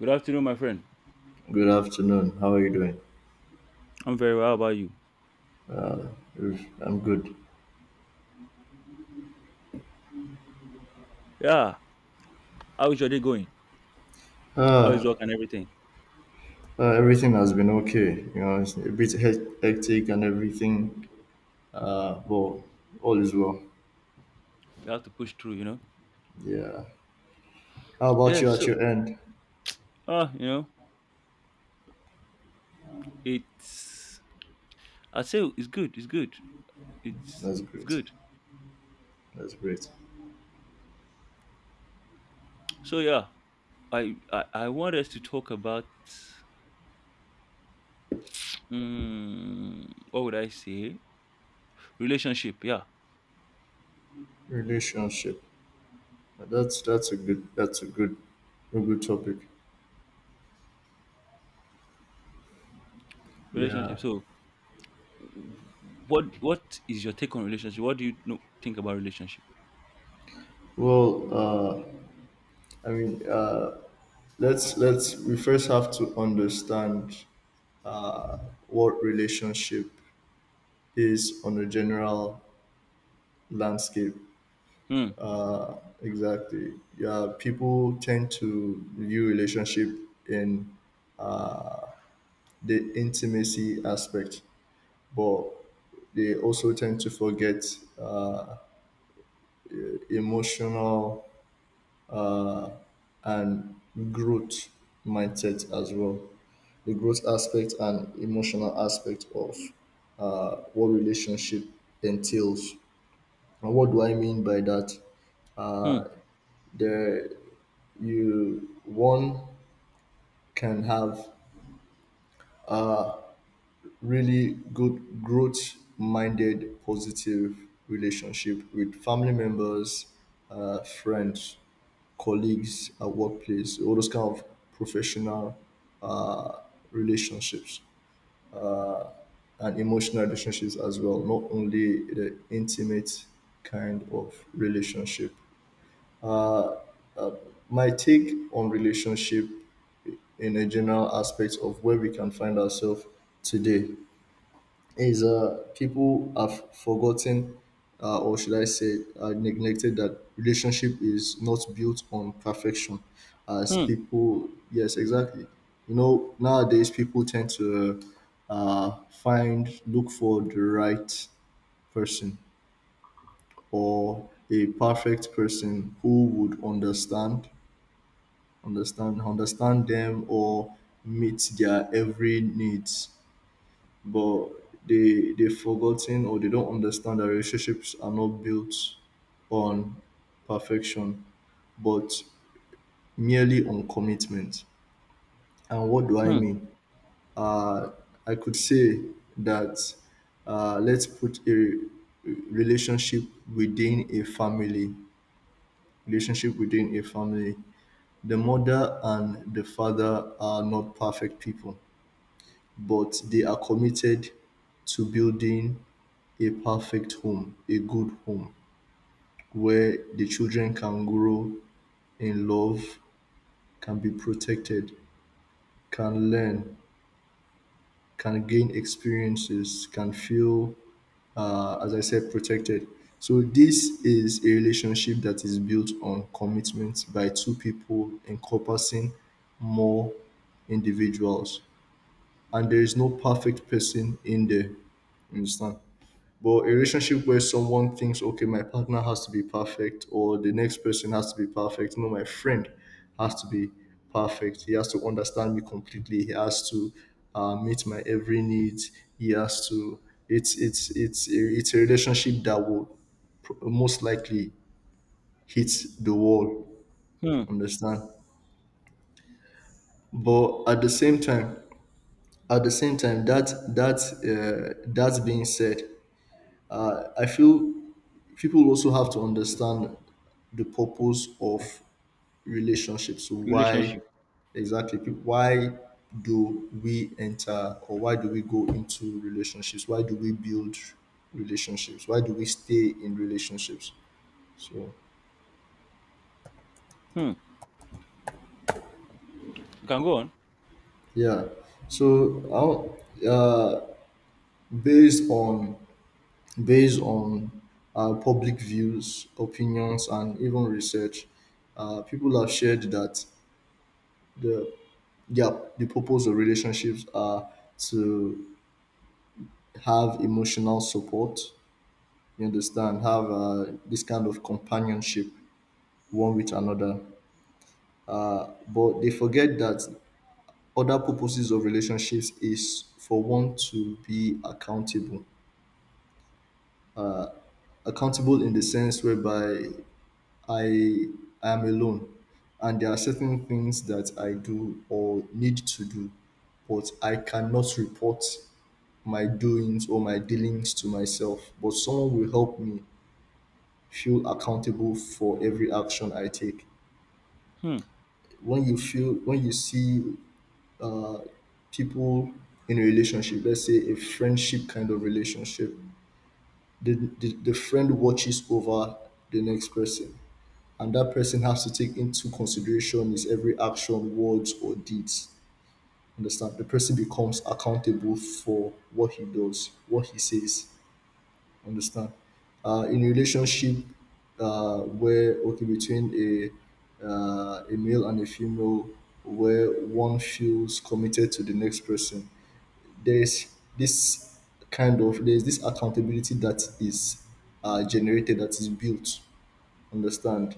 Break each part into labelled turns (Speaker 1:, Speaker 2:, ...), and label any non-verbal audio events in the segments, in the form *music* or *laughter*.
Speaker 1: Good afternoon, my friend.
Speaker 2: Good afternoon. How are you doing?
Speaker 1: I'm very well. How about you?
Speaker 2: Oof, I'm good.
Speaker 1: Yeah. How is your day going? How is
Speaker 2: Uh,
Speaker 1: work and everything?
Speaker 2: everything has been okay. You know, it's a bit hectic and everything. But all is well.
Speaker 1: You have to push through, you know?
Speaker 2: Yeah. How about
Speaker 1: Yeah,
Speaker 2: you at
Speaker 1: so
Speaker 2: your end?
Speaker 1: uh, you know, it's I say it's good, it's good. It's
Speaker 2: That's
Speaker 1: it's
Speaker 2: great.
Speaker 1: good.
Speaker 2: That's great.
Speaker 1: So yeah, I want us to talk about mm what would I say? Relationship, yeah.
Speaker 2: Relationship. That's a good a good topic. Yeah.
Speaker 1: Relationship. So what is your take on relationship? What do you think about relationship?
Speaker 2: Well, I mean, let's we first have to understand uh, what relationship is on a general landscape
Speaker 1: Hmm,
Speaker 2: exactly. Yeah, people tend to view relationship in the intimacy aspect, but they also tend to forget, uh, emotional, uh, and growth mindset as well, the growth aspect and emotional aspect of, what relationship entails. And what do I mean by that?
Speaker 1: hmm,
Speaker 2: There, you one can have really good growth minded positive relationship with family members, friends, colleagues at workplace, all those kind of professional, uh, relationships and emotional relationships as well, not only the intimate kind of relationship. My take on relationship in a general aspect of where we can find ourselves today is, people have forgotten, or should I say, neglected that relationship is not built on perfection. As
Speaker 1: hmm,
Speaker 2: people, yes, exactly. You know, nowadays people tend to find, look for the right person or a perfect person who would understand, understand them or meet their every needs, but they've forgotten or they don't understand that relationships are not built on perfection, but merely on commitment. And what do I
Speaker 1: hmm,
Speaker 2: mean? Uh, I could say that, let's put a relationship within a family, relationship within a family. The mother and the father are not perfect people, but they are committed to building a perfect home, a good home, where the children can grow in love, can be protected, can learn, can gain experiences, can feel, as I said, protected. So, this is a relationship that is built on commitment by two people encompassing more individuals. And there is no perfect person in there. You understand? But a relationship where someone thinks, okay, my partner has to be perfect, or the next person has to be perfect. No, my friend has to be perfect. He has to understand me completely. He has to meet my every need. He has to. It's a relationship that will most likely hit the wall.
Speaker 1: hmm.
Speaker 2: Understand? But at the same time, at the same time, that that being said, I feel people also have to understand the purpose of relationships. So why
Speaker 1: Relationship.
Speaker 2: exactly? Why do we enter, or why do we go into relationships? Why do we build relationships? Why do we stay in relationships? So
Speaker 1: Hmm. You can go on.
Speaker 2: yeah. So I'll- uh, based on based on public views, opinions, and even research, people have shared that the yeah, the purpose of relationships are to have emotional support. You understand, have this kind of companionship one with another. But they forget that other purposes of relationships is for one to be accountable. Accountable in the sense whereby I I am alone, and there are certain things that I do or need to do, but I cannot report my doings or my dealings to myself, but someone will help me feel accountable for every action I take.
Speaker 1: Hmm.
Speaker 2: When you feel, when you see people in a relationship, let's say a friendship kind of relationship, the, the friend watches over the next person. And that person has to take into consideration his every action, words, or deeds. Understand? The person becomes accountable for what he does, what he says. Understand. In relationship where okay between a male and a female where one feels committed to the next person, there's this kind of there's this accountability that is generated, that is built, understand.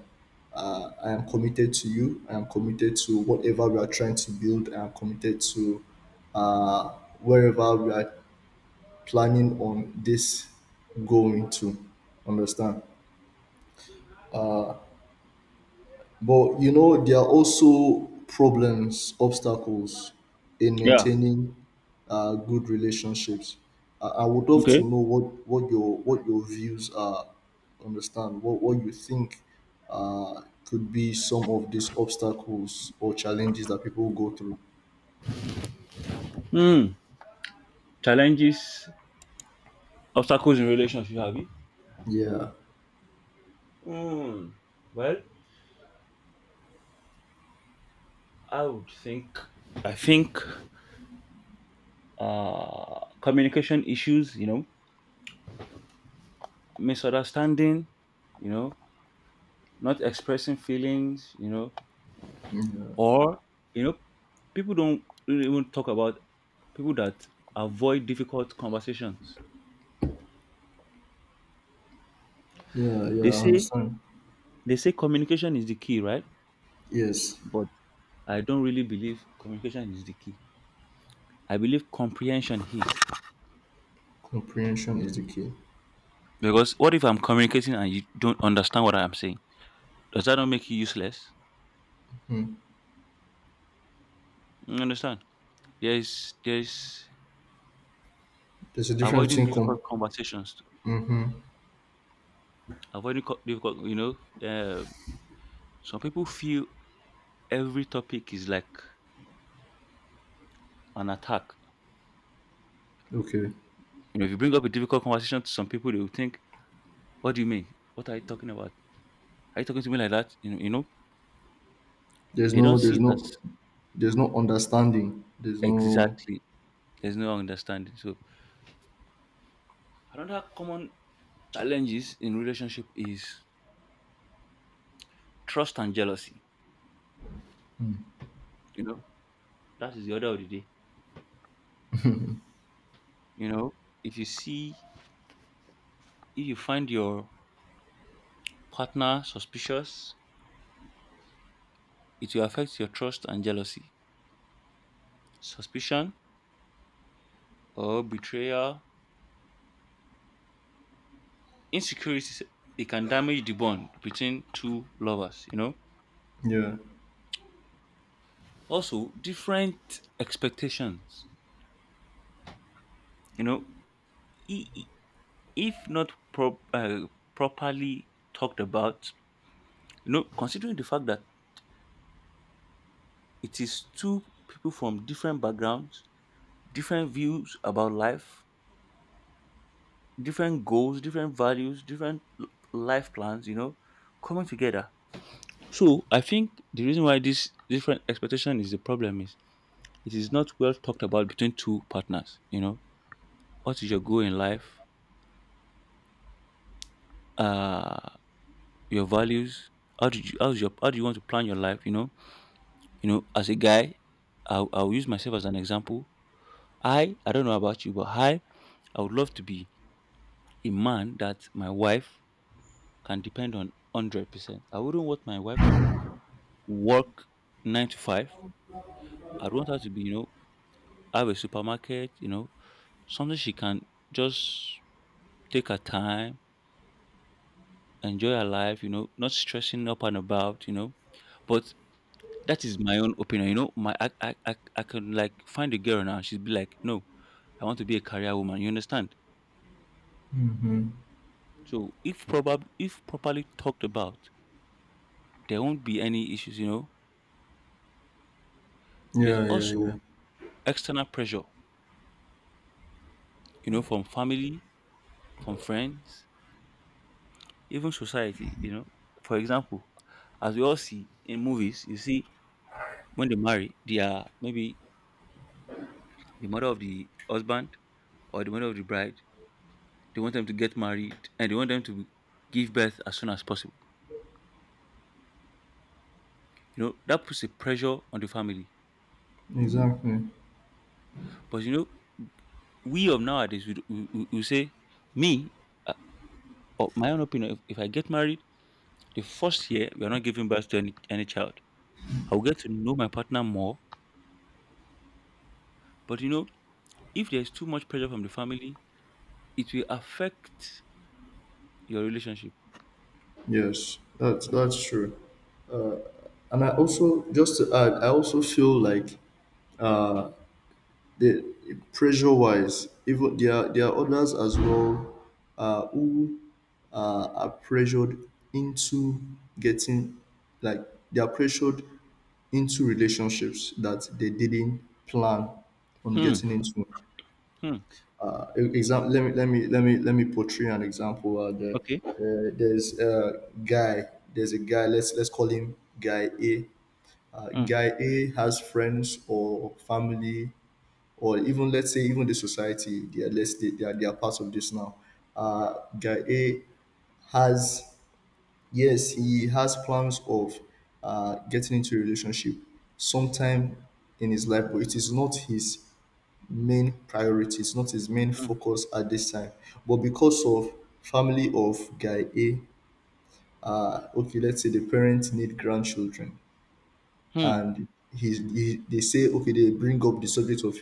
Speaker 2: Uh, I am committed to you, I am committed to whatever we are trying to build, I am committed to, uh, wherever we are planning on this going to, understand. But you know, there are also problems, obstacles in
Speaker 1: Yeah.
Speaker 2: maintaining, good relationships. I would love to
Speaker 1: Okay.
Speaker 2: know what what your views are. Understand what you think, could be some of these obstacles or challenges that people go through.
Speaker 1: Mm. Challenges, obstacles in relationship, have you?
Speaker 2: Yeah,
Speaker 1: Mm. Well, I would think. I think communication issues. You know, misunderstanding. You know, not expressing feelings. You know,
Speaker 2: yeah,
Speaker 1: or you know, people don't really even talk about people that avoid difficult conversations.
Speaker 2: yeah, yeah.
Speaker 1: They
Speaker 2: I
Speaker 1: say
Speaker 2: understand.
Speaker 1: they say communication is the key, right?
Speaker 2: Yes,
Speaker 1: But I don't really believe communication is the key. I believe comprehension here.
Speaker 2: comprehension is the key.
Speaker 1: Because what if I'm communicating and you don't understand what I'm saying? Does that not make you useless? You understand? There's
Speaker 2: There's a difference
Speaker 1: avoiding
Speaker 2: between
Speaker 1: difficult
Speaker 2: com-
Speaker 1: conversations, difficult. You know, um, some people feel every topic is like an attack.
Speaker 2: Okay.
Speaker 1: You know, if you bring up a difficult conversation to some people, they will think, "What do you mean? What are you talking about? Are you talking to me like that?"
Speaker 2: There's
Speaker 1: They
Speaker 2: no
Speaker 1: don't see
Speaker 2: there's
Speaker 1: it as
Speaker 2: no there's no understanding. There's no.
Speaker 1: exactly. There's no understanding. So another common challenges in relationship is trust and jealousy. You know, that is the order of the day. You know, if you see, if you find your partner suspicious, it will affect your trust and jealousy. Suspicion or betrayal, insecurities, it can damage the bond between two lovers. You know,
Speaker 2: Yeah.
Speaker 1: also different expectations. You know, i- i- if not properly talked about, you know, considering the fact that it is two people from different backgrounds, different views about life, different goals, different values, different life plans, you know, coming together. So I think the reason why this different expectation is the problem is it is not well talked about between two partners, you know. What is your goal in life? Uh your values, how do you want to plan your life, you know? You know, as a guy, I'll use myself as an example. I don't know about you, but I would love to be a man that my wife can depend on 100%. I wouldn't want my wife to work 9 to 5. I'd want her to be, you know, have a supermarket, you know, something she can just take her time, enjoy her life, you know, not stressing up and about, you know. But that is my own opinion, you know. My I can like find a girl now, she'd be like, "No, I want to be a career woman." You understand? So, if properly talked about, there won't be any issues, you know. There's
Speaker 2: Yeah, yeah, yeah.
Speaker 1: also external pressure, you know, from family, from friends, even society, you know. For example, as we all see in movies, you see when they marry, they are maybe the mother of the husband or the mother of the bride. They want them to get married and they want them to give birth as soon as possible. You know, that puts a pressure on the family.
Speaker 2: Exactly.
Speaker 1: But you know, we of nowadays, we say, me, uh, or my own opinion, if I get married, the first year, we are not giving birth to any child. I will get to know my partner more. But you know, if there's too much pressure from the family, it will affect your relationship.
Speaker 2: Yes. That's true. And I also just to add, I also feel like the pressure wise, even there are others as well, who are pressured into getting, like, they are pressured into relationships that they didn't plan on
Speaker 1: Hmm.
Speaker 2: getting into.
Speaker 1: Hmm.
Speaker 2: Example, let me portray an example,
Speaker 1: Okay.
Speaker 2: there's a guy, let's call him guy A. Uh,
Speaker 1: Hmm.
Speaker 2: guy A has friends or family or even let's say even the society, they are let's they are part of this now. Uh, guy A has, yes, he has plans of getting into a relationship sometime in his life, but it is not his main priority, it's not his main
Speaker 1: Hmm.
Speaker 2: focus at this time. But because of family of guy A, okay, let's say the parents need grandchildren,
Speaker 1: Hmm.
Speaker 2: and they say okay they bring up the subject of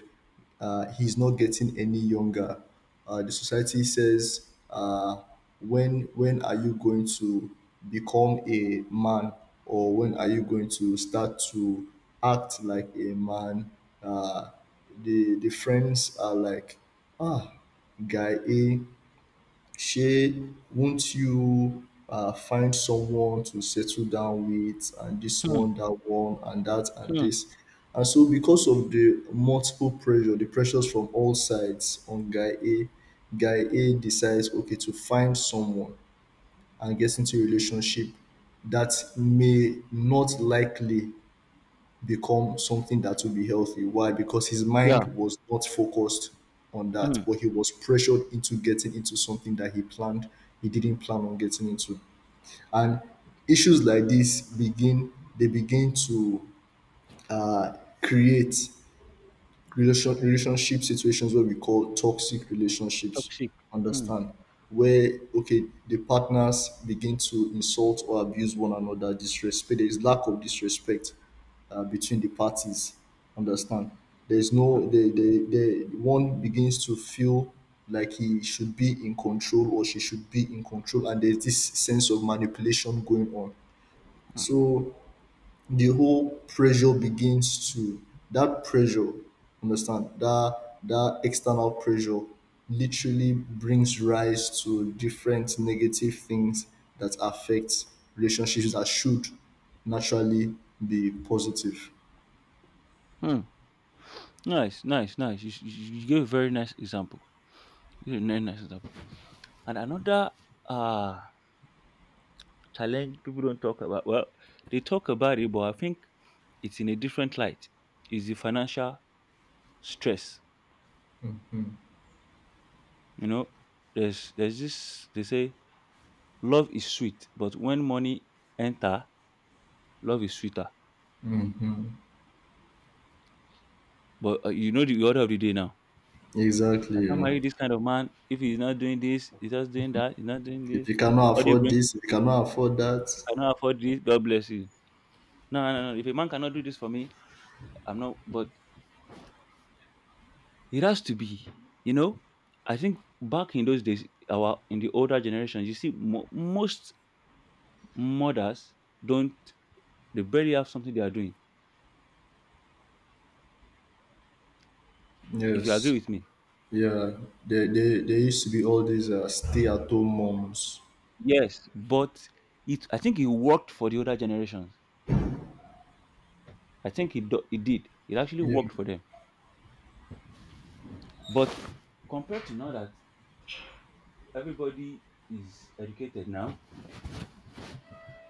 Speaker 2: he's not getting any younger, the society says, when are you going to become a man, or when are you going to start to act like a man, uh, the friends are like, ah, guy A, shey won't you find someone to settle down with, and this
Speaker 1: Hmm.
Speaker 2: one that one and that and
Speaker 1: Hmm.
Speaker 2: this. And so because of the multiple pressure, the pressures from all sides on guy A, guy A decides okay to find someone and get into a relationship that may not likely become something that will be healthy. Why? Because his
Speaker 1: Yeah.
Speaker 2: mind was not focused on that,
Speaker 1: Hmm.
Speaker 2: but he was pressured into getting into something that he didn't plan on getting into. And issues like this begin, they begin to uh, create relationship situations where we call toxic relationships,
Speaker 1: Toxic. Hmm.
Speaker 2: understand, where okay the partners begin to insult or abuse one another, disrespect, there is lack of disrespect between the parties, understand. There's no, the one begins to feel like he should be in control or she should be in control, and there's this sense of manipulation going on.
Speaker 1: Hmm.
Speaker 2: So the whole pressure begins to, that pressure, understand, that that external pressure literally brings rise to different negative things that affect relationships that should naturally be positive.
Speaker 1: Hmm. Nice. Nice. Nice. You gave a very nice example. You gave a very nice example. And another uh challenge people don't talk about. Well, they talk about it, but I think it's in a different light. Is the financial stress. You know, there's this they say love is sweet, but when money enter, love is sweeter. But you know the order of the day now. I
Speaker 2: Exactly,
Speaker 1: can't
Speaker 2: yeah.
Speaker 1: marry this kind of man if he's not doing this, he's just doing that, he's not doing
Speaker 2: If
Speaker 1: this.
Speaker 2: you cannot
Speaker 1: What do you
Speaker 2: afford
Speaker 1: bring,
Speaker 2: this, if you cannot afford that.
Speaker 1: you cannot afford this, God bless you. No, no, no. If a man cannot do this for me, I'm not. But it has to be, you know. I think back in those days, our in the older generations, you see, most mothers don't. They barely have something they are doing. If you agree
Speaker 2: Yes.
Speaker 1: with me,
Speaker 2: Yeah, there, there used to be all these, stay-at-home moms.
Speaker 1: yes. But it, I think it worked for the older generations. I think it did. It actually
Speaker 2: Yeah.
Speaker 1: worked for them. But compared to now that everybody is educated now,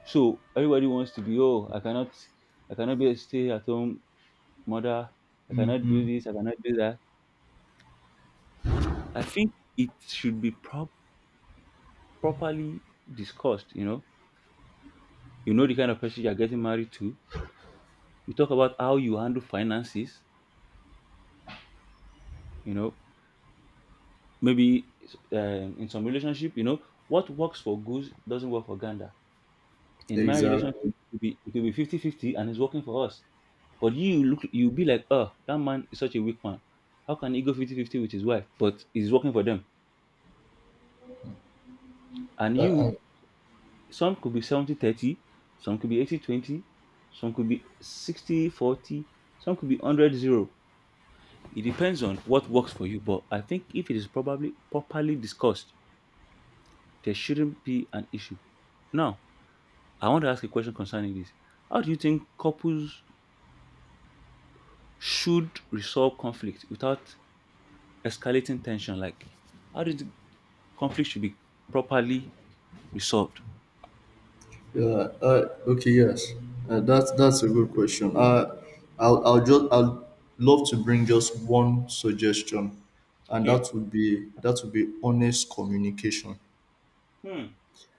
Speaker 1: so everybody wants to be oh I cannot be a stay at home mother. I cannot do this. I cannot do that. I think it should be properly discussed. You know the kind of person you are getting married to. You talk about how you handle finances. You know, maybe in some relationship, you know what works for goose doesn't work for gander. In my relationship,
Speaker 2: Exactly.
Speaker 1: it could be 50 fifty and it's working for us, but you look, you'll be like, oh, that man is such a weak man, how can he go 50-50 with his wife, but it's working for them. And you, some could be 70-30, some could be 80-20, some could be 60-40, some could be 100-0. It depends on what works for you, but I think if it is probably properly discussed, there shouldn't be an issue. Now I want to ask a question concerning this. How do you think couples should resolve conflict without escalating tension. Like, how do you think conflict should be properly resolved?
Speaker 2: Yeah. Okay. Yes. That's a good question. I'll love to bring just one suggestion, and
Speaker 1: Okay.
Speaker 2: that would be honest communication.
Speaker 1: Hmm.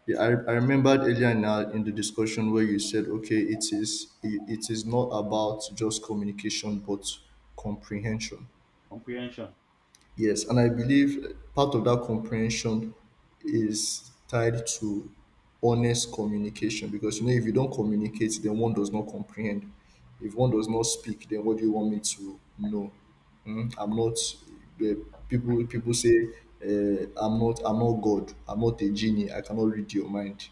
Speaker 2: Yeah, I remembered earlier in, our, in the discussion where you said, okay, it is it is not about just communication, but comprehension.
Speaker 1: Comprehension.
Speaker 2: Yes, and I believe part of that comprehension is tied to honest communication, because you know if you don't communicate, then one does not comprehend. If one does not speak, then what do you want me to know? Mm, I'm not. Uh, people say, I'm not. I'm not God. I'm not a genie. I cannot read your mind.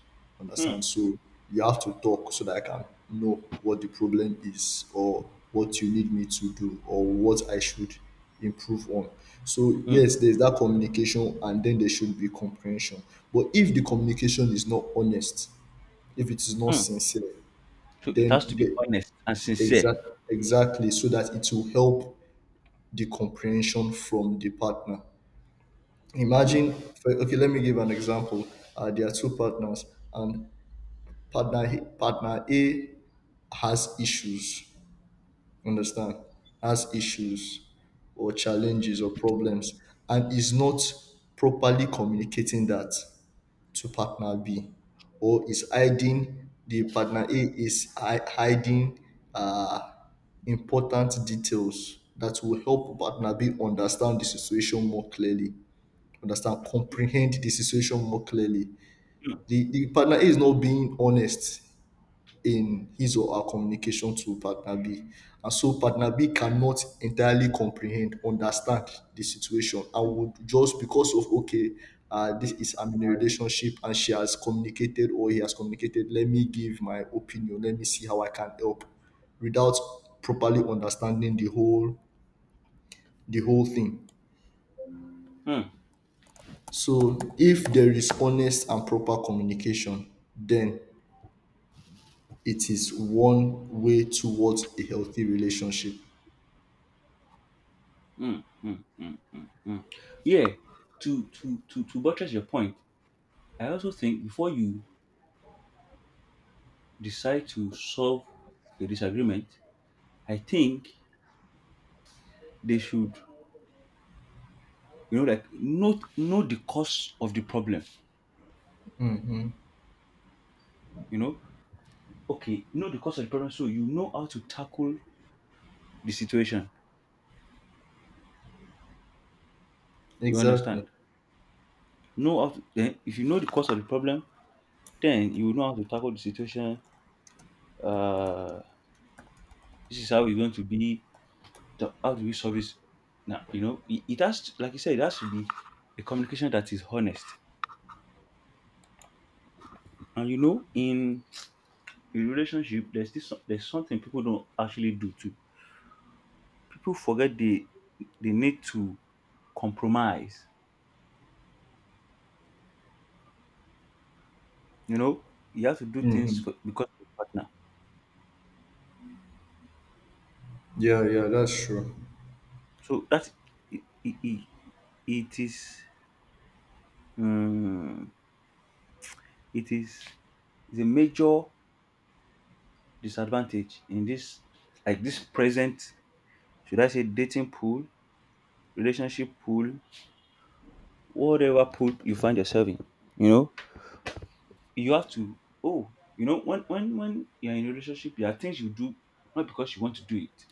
Speaker 1: Hmm.
Speaker 2: Understand? So you have to talk so that I can know what the problem is, or what you need me to do, or what I should improve on. So
Speaker 1: Hmm.
Speaker 2: yes, there's that communication, and then there should be comprehension. But if the communication is not honest, if it is not
Speaker 1: Hmm.
Speaker 2: sincere,
Speaker 1: So it has
Speaker 2: then
Speaker 1: to be
Speaker 2: the,
Speaker 1: honest and sincere.
Speaker 2: exact exactly, so that it will help the comprehension from the partner.
Speaker 1: Hmm.
Speaker 2: Imagine, okay, let me give an example. There are two partners, and partner A has issues. Understand? Has issues or challenges or problems, and is not properly communicating that to partner B, or is hiding the partner A is hiding, uh, important details that will help partner B understand the situation more clearly, understand, comprehend the situation more clearly.
Speaker 1: Hmm.
Speaker 2: The partner A is not being honest in his or her communication to partner B. And so partner B cannot entirely comprehend, understand the situation, and would just because of okay, this is I'm in a relationship and she has communicated or he has communicated, let me give my opinion, let me see how I can help without properly understanding the whole thing.
Speaker 1: Hmm.
Speaker 2: So if there is honest and proper communication, then it is one way towards a healthy relationship.
Speaker 1: Hmm. Hmm. Hmm. Hmm. Hmm. Yeah. To buttress your point, I also think before you decide to solve a disagreement, I think they should you know like note know the cause of the problem, you know. Okay, know the cause of the problem so you know how to tackle the situation, you understand,
Speaker 2: Exactly.
Speaker 1: know how to. Then if you know the cause of the problem, then you will know how to tackle the situation. uh this is how we are going to be the, how do we solve this. Now you know it has like you said it has to be a communication that is honest. And you know in relationship there's this there's something people don't actually do too. People forget they need to compromise. You know, you have to do things for, because of your partner.
Speaker 2: Yeah, yeah, that's true.
Speaker 1: So that it, it, it is um, it is a major disadvantage in this like this present, should I say, dating pool, relationship pool, whatever pool you find yourself in. You know, you have to, oh you know, when you're in a relationship, there are things you do not because you want to do it,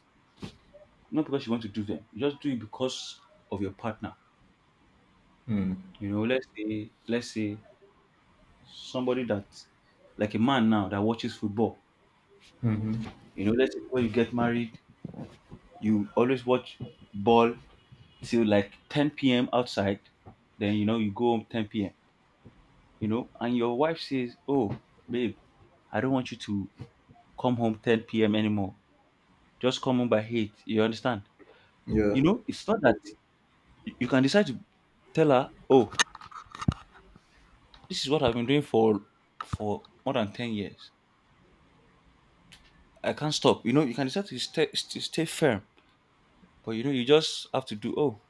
Speaker 1: not because you want to do them. You just do it because of your partner. You know, let's say somebody that like a man now that watches football. You know, let's say when you get married, you always watch ball till like 10 p.m. outside. Then you know you go home 10 p.m. You know, and your wife says, "Oh, babe, I don't want you to come home 10 p.m. anymore. Just come home by 8." You understand?
Speaker 2: Yeah,
Speaker 1: You know, it's not that you can decide to tell her, "Oh, this is what I've been doing for more than 10 years. I can't stop." You know, you can decide to stay firm. But you know, you just have to do, oh,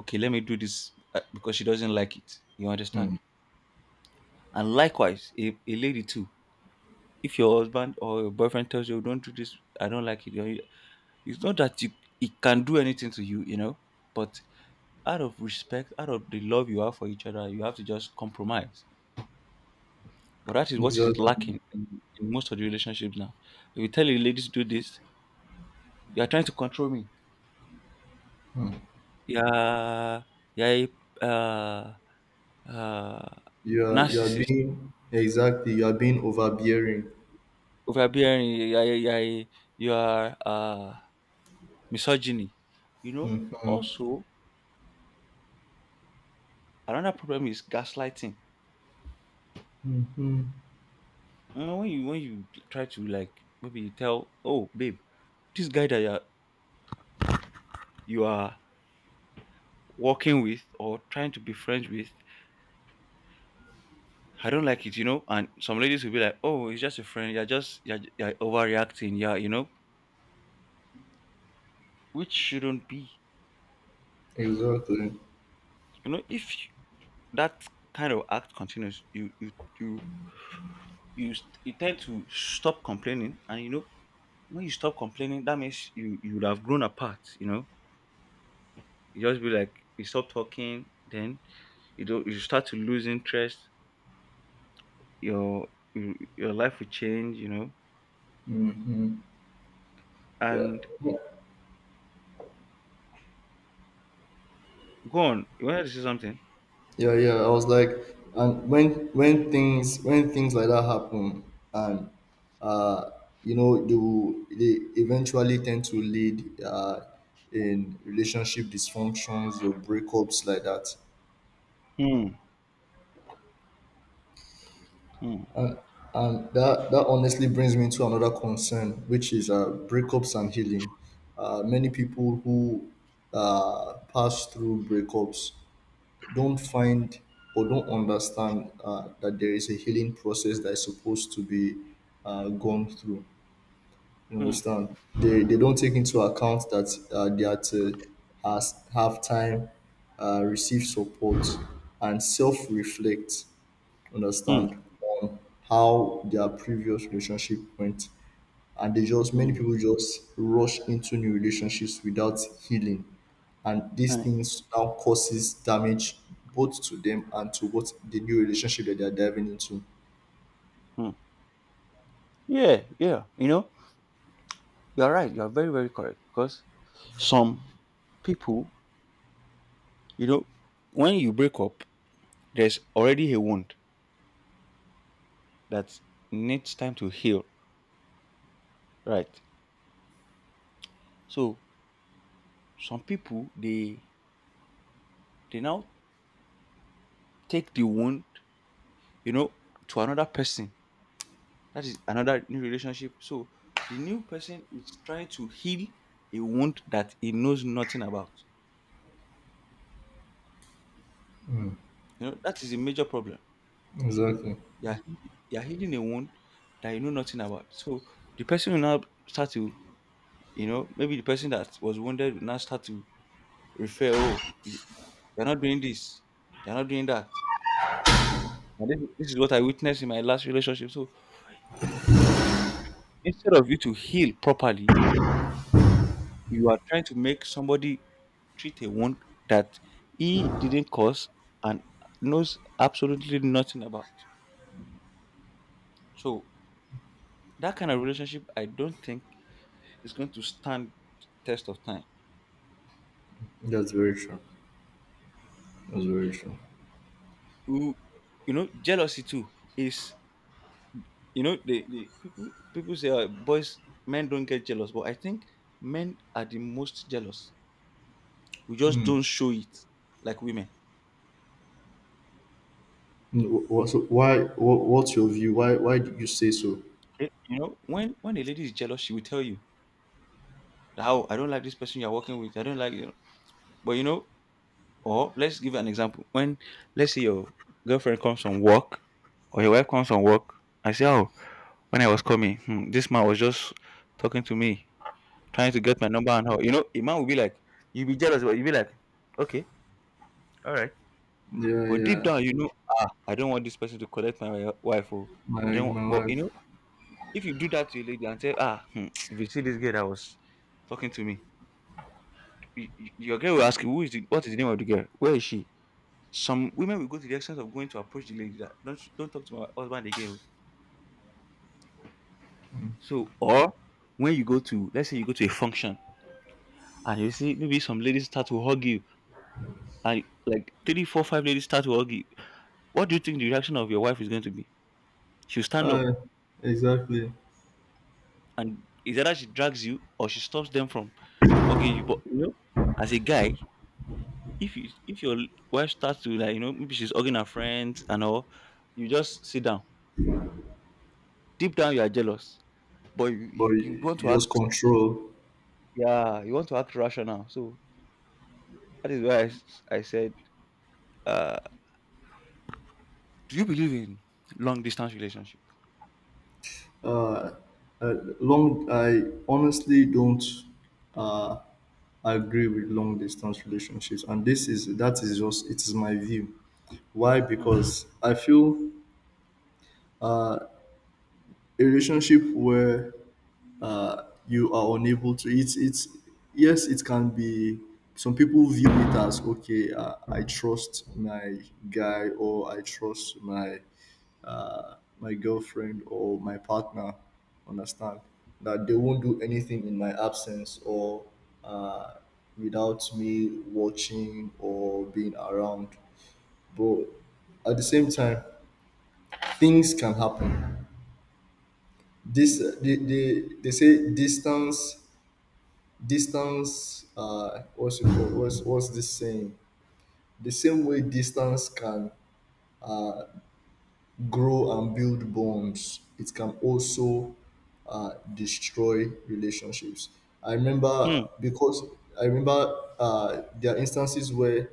Speaker 1: okay, let me do this because she doesn't like it. You understand? And likewise, a lady too. If your husband or your boyfriend tells you, don't do this, I don't like it, it's not that you, it can do anything to you, you know, but out of respect, out of the love you have for each other, you have to just compromise. But that is what is
Speaker 2: exactly.
Speaker 1: lacking in most of the relationships now. If you tell a lady to do this, you are trying to control me. Yeah, yeah, uh, uh,
Speaker 2: You are
Speaker 1: narcissist.
Speaker 2: being exactly you are being overbearing.
Speaker 1: Overbearing, you are misogyny. You know.
Speaker 2: Mm-hmm.
Speaker 1: Also, another problem is gaslighting. You know, when you try to like maybe you tell, oh babe, this guy that you are working with or trying to be friends with, I don't like it. And some ladies will be like, oh, it's just a friend. You're just you're overreacting. Yeah, which shouldn't be.
Speaker 2: Exactly.
Speaker 1: You know, if you- that kind of act continues, you you tend to stop complaining, and when you stop complaining, that means you would have grown apart. You just be like you stop talking, then you don't you start to lose interest. Your your life will change. You know,
Speaker 2: Yeah.
Speaker 1: and go on. You wanted to say something?
Speaker 2: Yeah, yeah. I was like, and when when things like that happen, and uh, you know, they eventually tend to lead, in relationship dysfunctions or breakups like that.
Speaker 1: Hmm. Hmm.
Speaker 2: And that, that honestly brings me to another concern, which is, breakups and healing. Many people who pass through breakups don't find or don't understand, that there is a healing process that is supposed to be, gone through. You
Speaker 1: Hmm.
Speaker 2: understand? They don't take into account that, they are to have time, receive support, and self reflect,
Speaker 1: Hmm.
Speaker 2: understand, on how their previous relationship went. And they just many
Speaker 1: Hmm.
Speaker 2: people just rush into new relationships without healing, and these
Speaker 1: Honey.
Speaker 2: things now causes damage both to them and to what the new relationship that they're diving into.
Speaker 1: Hmm. Yeah. Yeah. You are right. You are very very correct, because some people, you know, when you break up, there's already a wound that needs time to heal. Right. So some people, they now take the wound, you know, to another person. That is another new relationship. So the new person is trying to heal a wound that he knows nothing about. That is a major problem.
Speaker 2: Exactly.
Speaker 1: You are healing a wound that you know nothing about. So the person will now start to, maybe the person that was wounded will now start to refer, oh, you're not doing this, you're not doing that. And this is what I witnessed in my last relationship. So instead of you to heal properly, you are trying to make somebody treat a wound that he didn't cause and knows absolutely nothing about. So that kind of relationship, I don't think is going to stand test of time.
Speaker 2: That's very true. That's very true.
Speaker 1: You, jealousy too is, the people say, boys men don't get jealous, but I think men are the most jealous. We just don't show it like women.
Speaker 2: So why what's your view, why do you say so?
Speaker 1: When a lady is jealous, she will tell you. How I don't like this person you're working with. I don't like you. Know. But, or let's give an example. When, let's say, your girlfriend comes from work or your wife comes from work, I say, oh, when I was coming, this man was just talking to me, trying to get my number and how. A man will be like, you'll be jealous, but you'll be like, okay, all right.
Speaker 2: Yeah,
Speaker 1: But deep
Speaker 2: yeah,
Speaker 1: down, I don't want this person to collect my wife. Oh, I
Speaker 2: my
Speaker 1: don't want- But,
Speaker 2: wife.
Speaker 1: if you do that to a lady and say, *tsk* if you see this girl that was talking to me. Your girl will ask you, who is the what is the name of the girl, where is she? Some women will go to the extent of going to approach the lady that, don't talk to my husband again. So, or when you go to let's say you go to a function, and you see maybe some ladies start to hug you, and like three four five ladies start to hug you, what do you think the reaction of your wife is going to be? She'll stand up,
Speaker 2: Uh, exactly,
Speaker 1: and is either she drags you or she stops them from hugging you. But, as a guy, if your wife starts to, like, maybe she's hugging her friends and all, you just sit down. Deep down, you are jealous, but you,
Speaker 2: but
Speaker 1: you you want to
Speaker 2: you
Speaker 1: act.
Speaker 2: just control.
Speaker 1: Yeah, you want to act rational. So that is why I said, uh, do you believe in long distance relationship?
Speaker 2: Uh, long, I honestly don't, uh, agree with long distance relationships, and this is that is just it is my view. Why?
Speaker 1: Hmm.
Speaker 2: Because I feel a relationship where, you are unable to, it's, yes it can be, some people view it as okay, I trust my guy, or I trust my, my girlfriend or my partner, understand, that they won't do anything in my absence or, uh, without me watching or being around. But at the same time things can happen. They say distance, what's it called, what's this saying, the same way distance can grow and build bonds, it can also, destroy relationships. I remember
Speaker 1: Hmm.
Speaker 2: Because I remember, there are instances where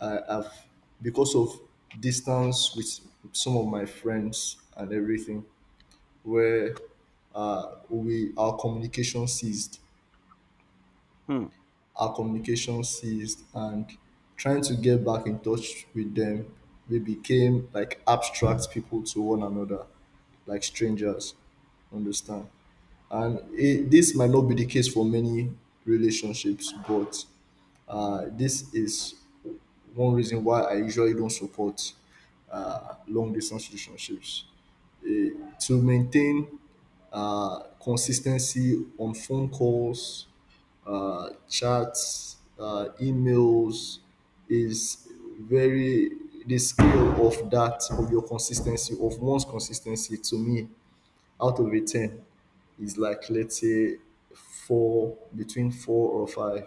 Speaker 2: I have, because of distance with some of my friends and everything, where, we our communication ceased,
Speaker 1: Hmm.
Speaker 2: and trying to get back in touch with them, we became like abstract people to one another, like strangers, understand. And it, this might not be the case for many relationships, but, this is one reason why I usually don't support, long distance relationships. Eh, to maintain, consistency on phone calls, chats, emails is very, the scale of that of your consistency of one's consistency to me, out of a 10, is like let's say four, between four or five,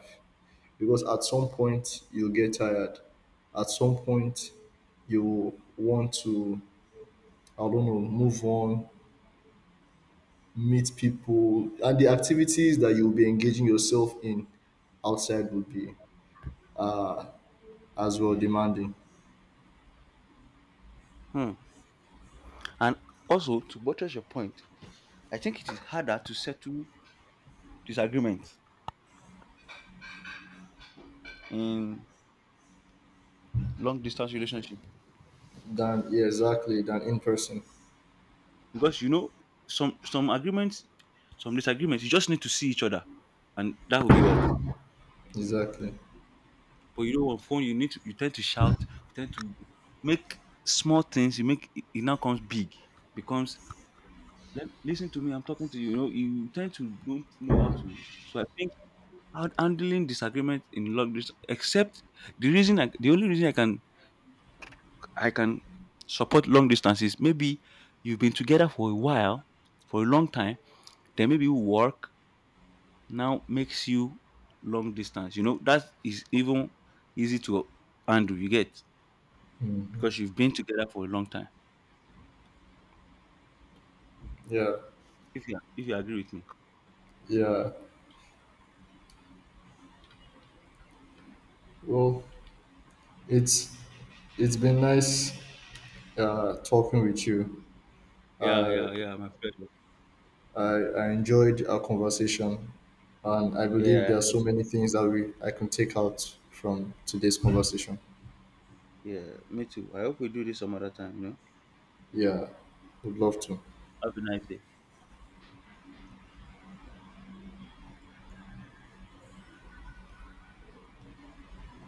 Speaker 2: because at some point you'll get tired, at some point you want to, I don't know, move on, meet people, and the activities that you'll be engaging yourself in outside would be as well demanding.
Speaker 1: Hmm. And also, to buttress your point, I think it is harder to settle disagreements in long distance relationship,
Speaker 2: Than yeah exactly, than in person.
Speaker 1: because some agreements, some disagreements, you just need to see each other, and that will be all.
Speaker 2: Exactly.
Speaker 1: But, on phone, you tend to shout, you tend to make small things. You make it, it now comes big, becomes. Listen to me, I'm talking to you. You tend to don't know how to. So I think handling disagreement in long distance, except the only reason I can support long distance is maybe you've been together for a while, for a long time. Then maybe work now makes you long distance. That is even easy to handle. You get, because you've been together for a long time.
Speaker 2: Yeah,
Speaker 1: If you agree with me,
Speaker 2: yeah, well it's it's been nice, talking with you.
Speaker 1: yeah,
Speaker 2: I,
Speaker 1: yeah, yeah, my pleasure.
Speaker 2: I enjoyed our conversation, and I believe
Speaker 1: Yeah,
Speaker 2: there are so many things that we I can take out from today's conversation.
Speaker 1: yeah, me too. I hope we do this some other time. You know,
Speaker 2: Yeah, would love to.
Speaker 1: have a nice day.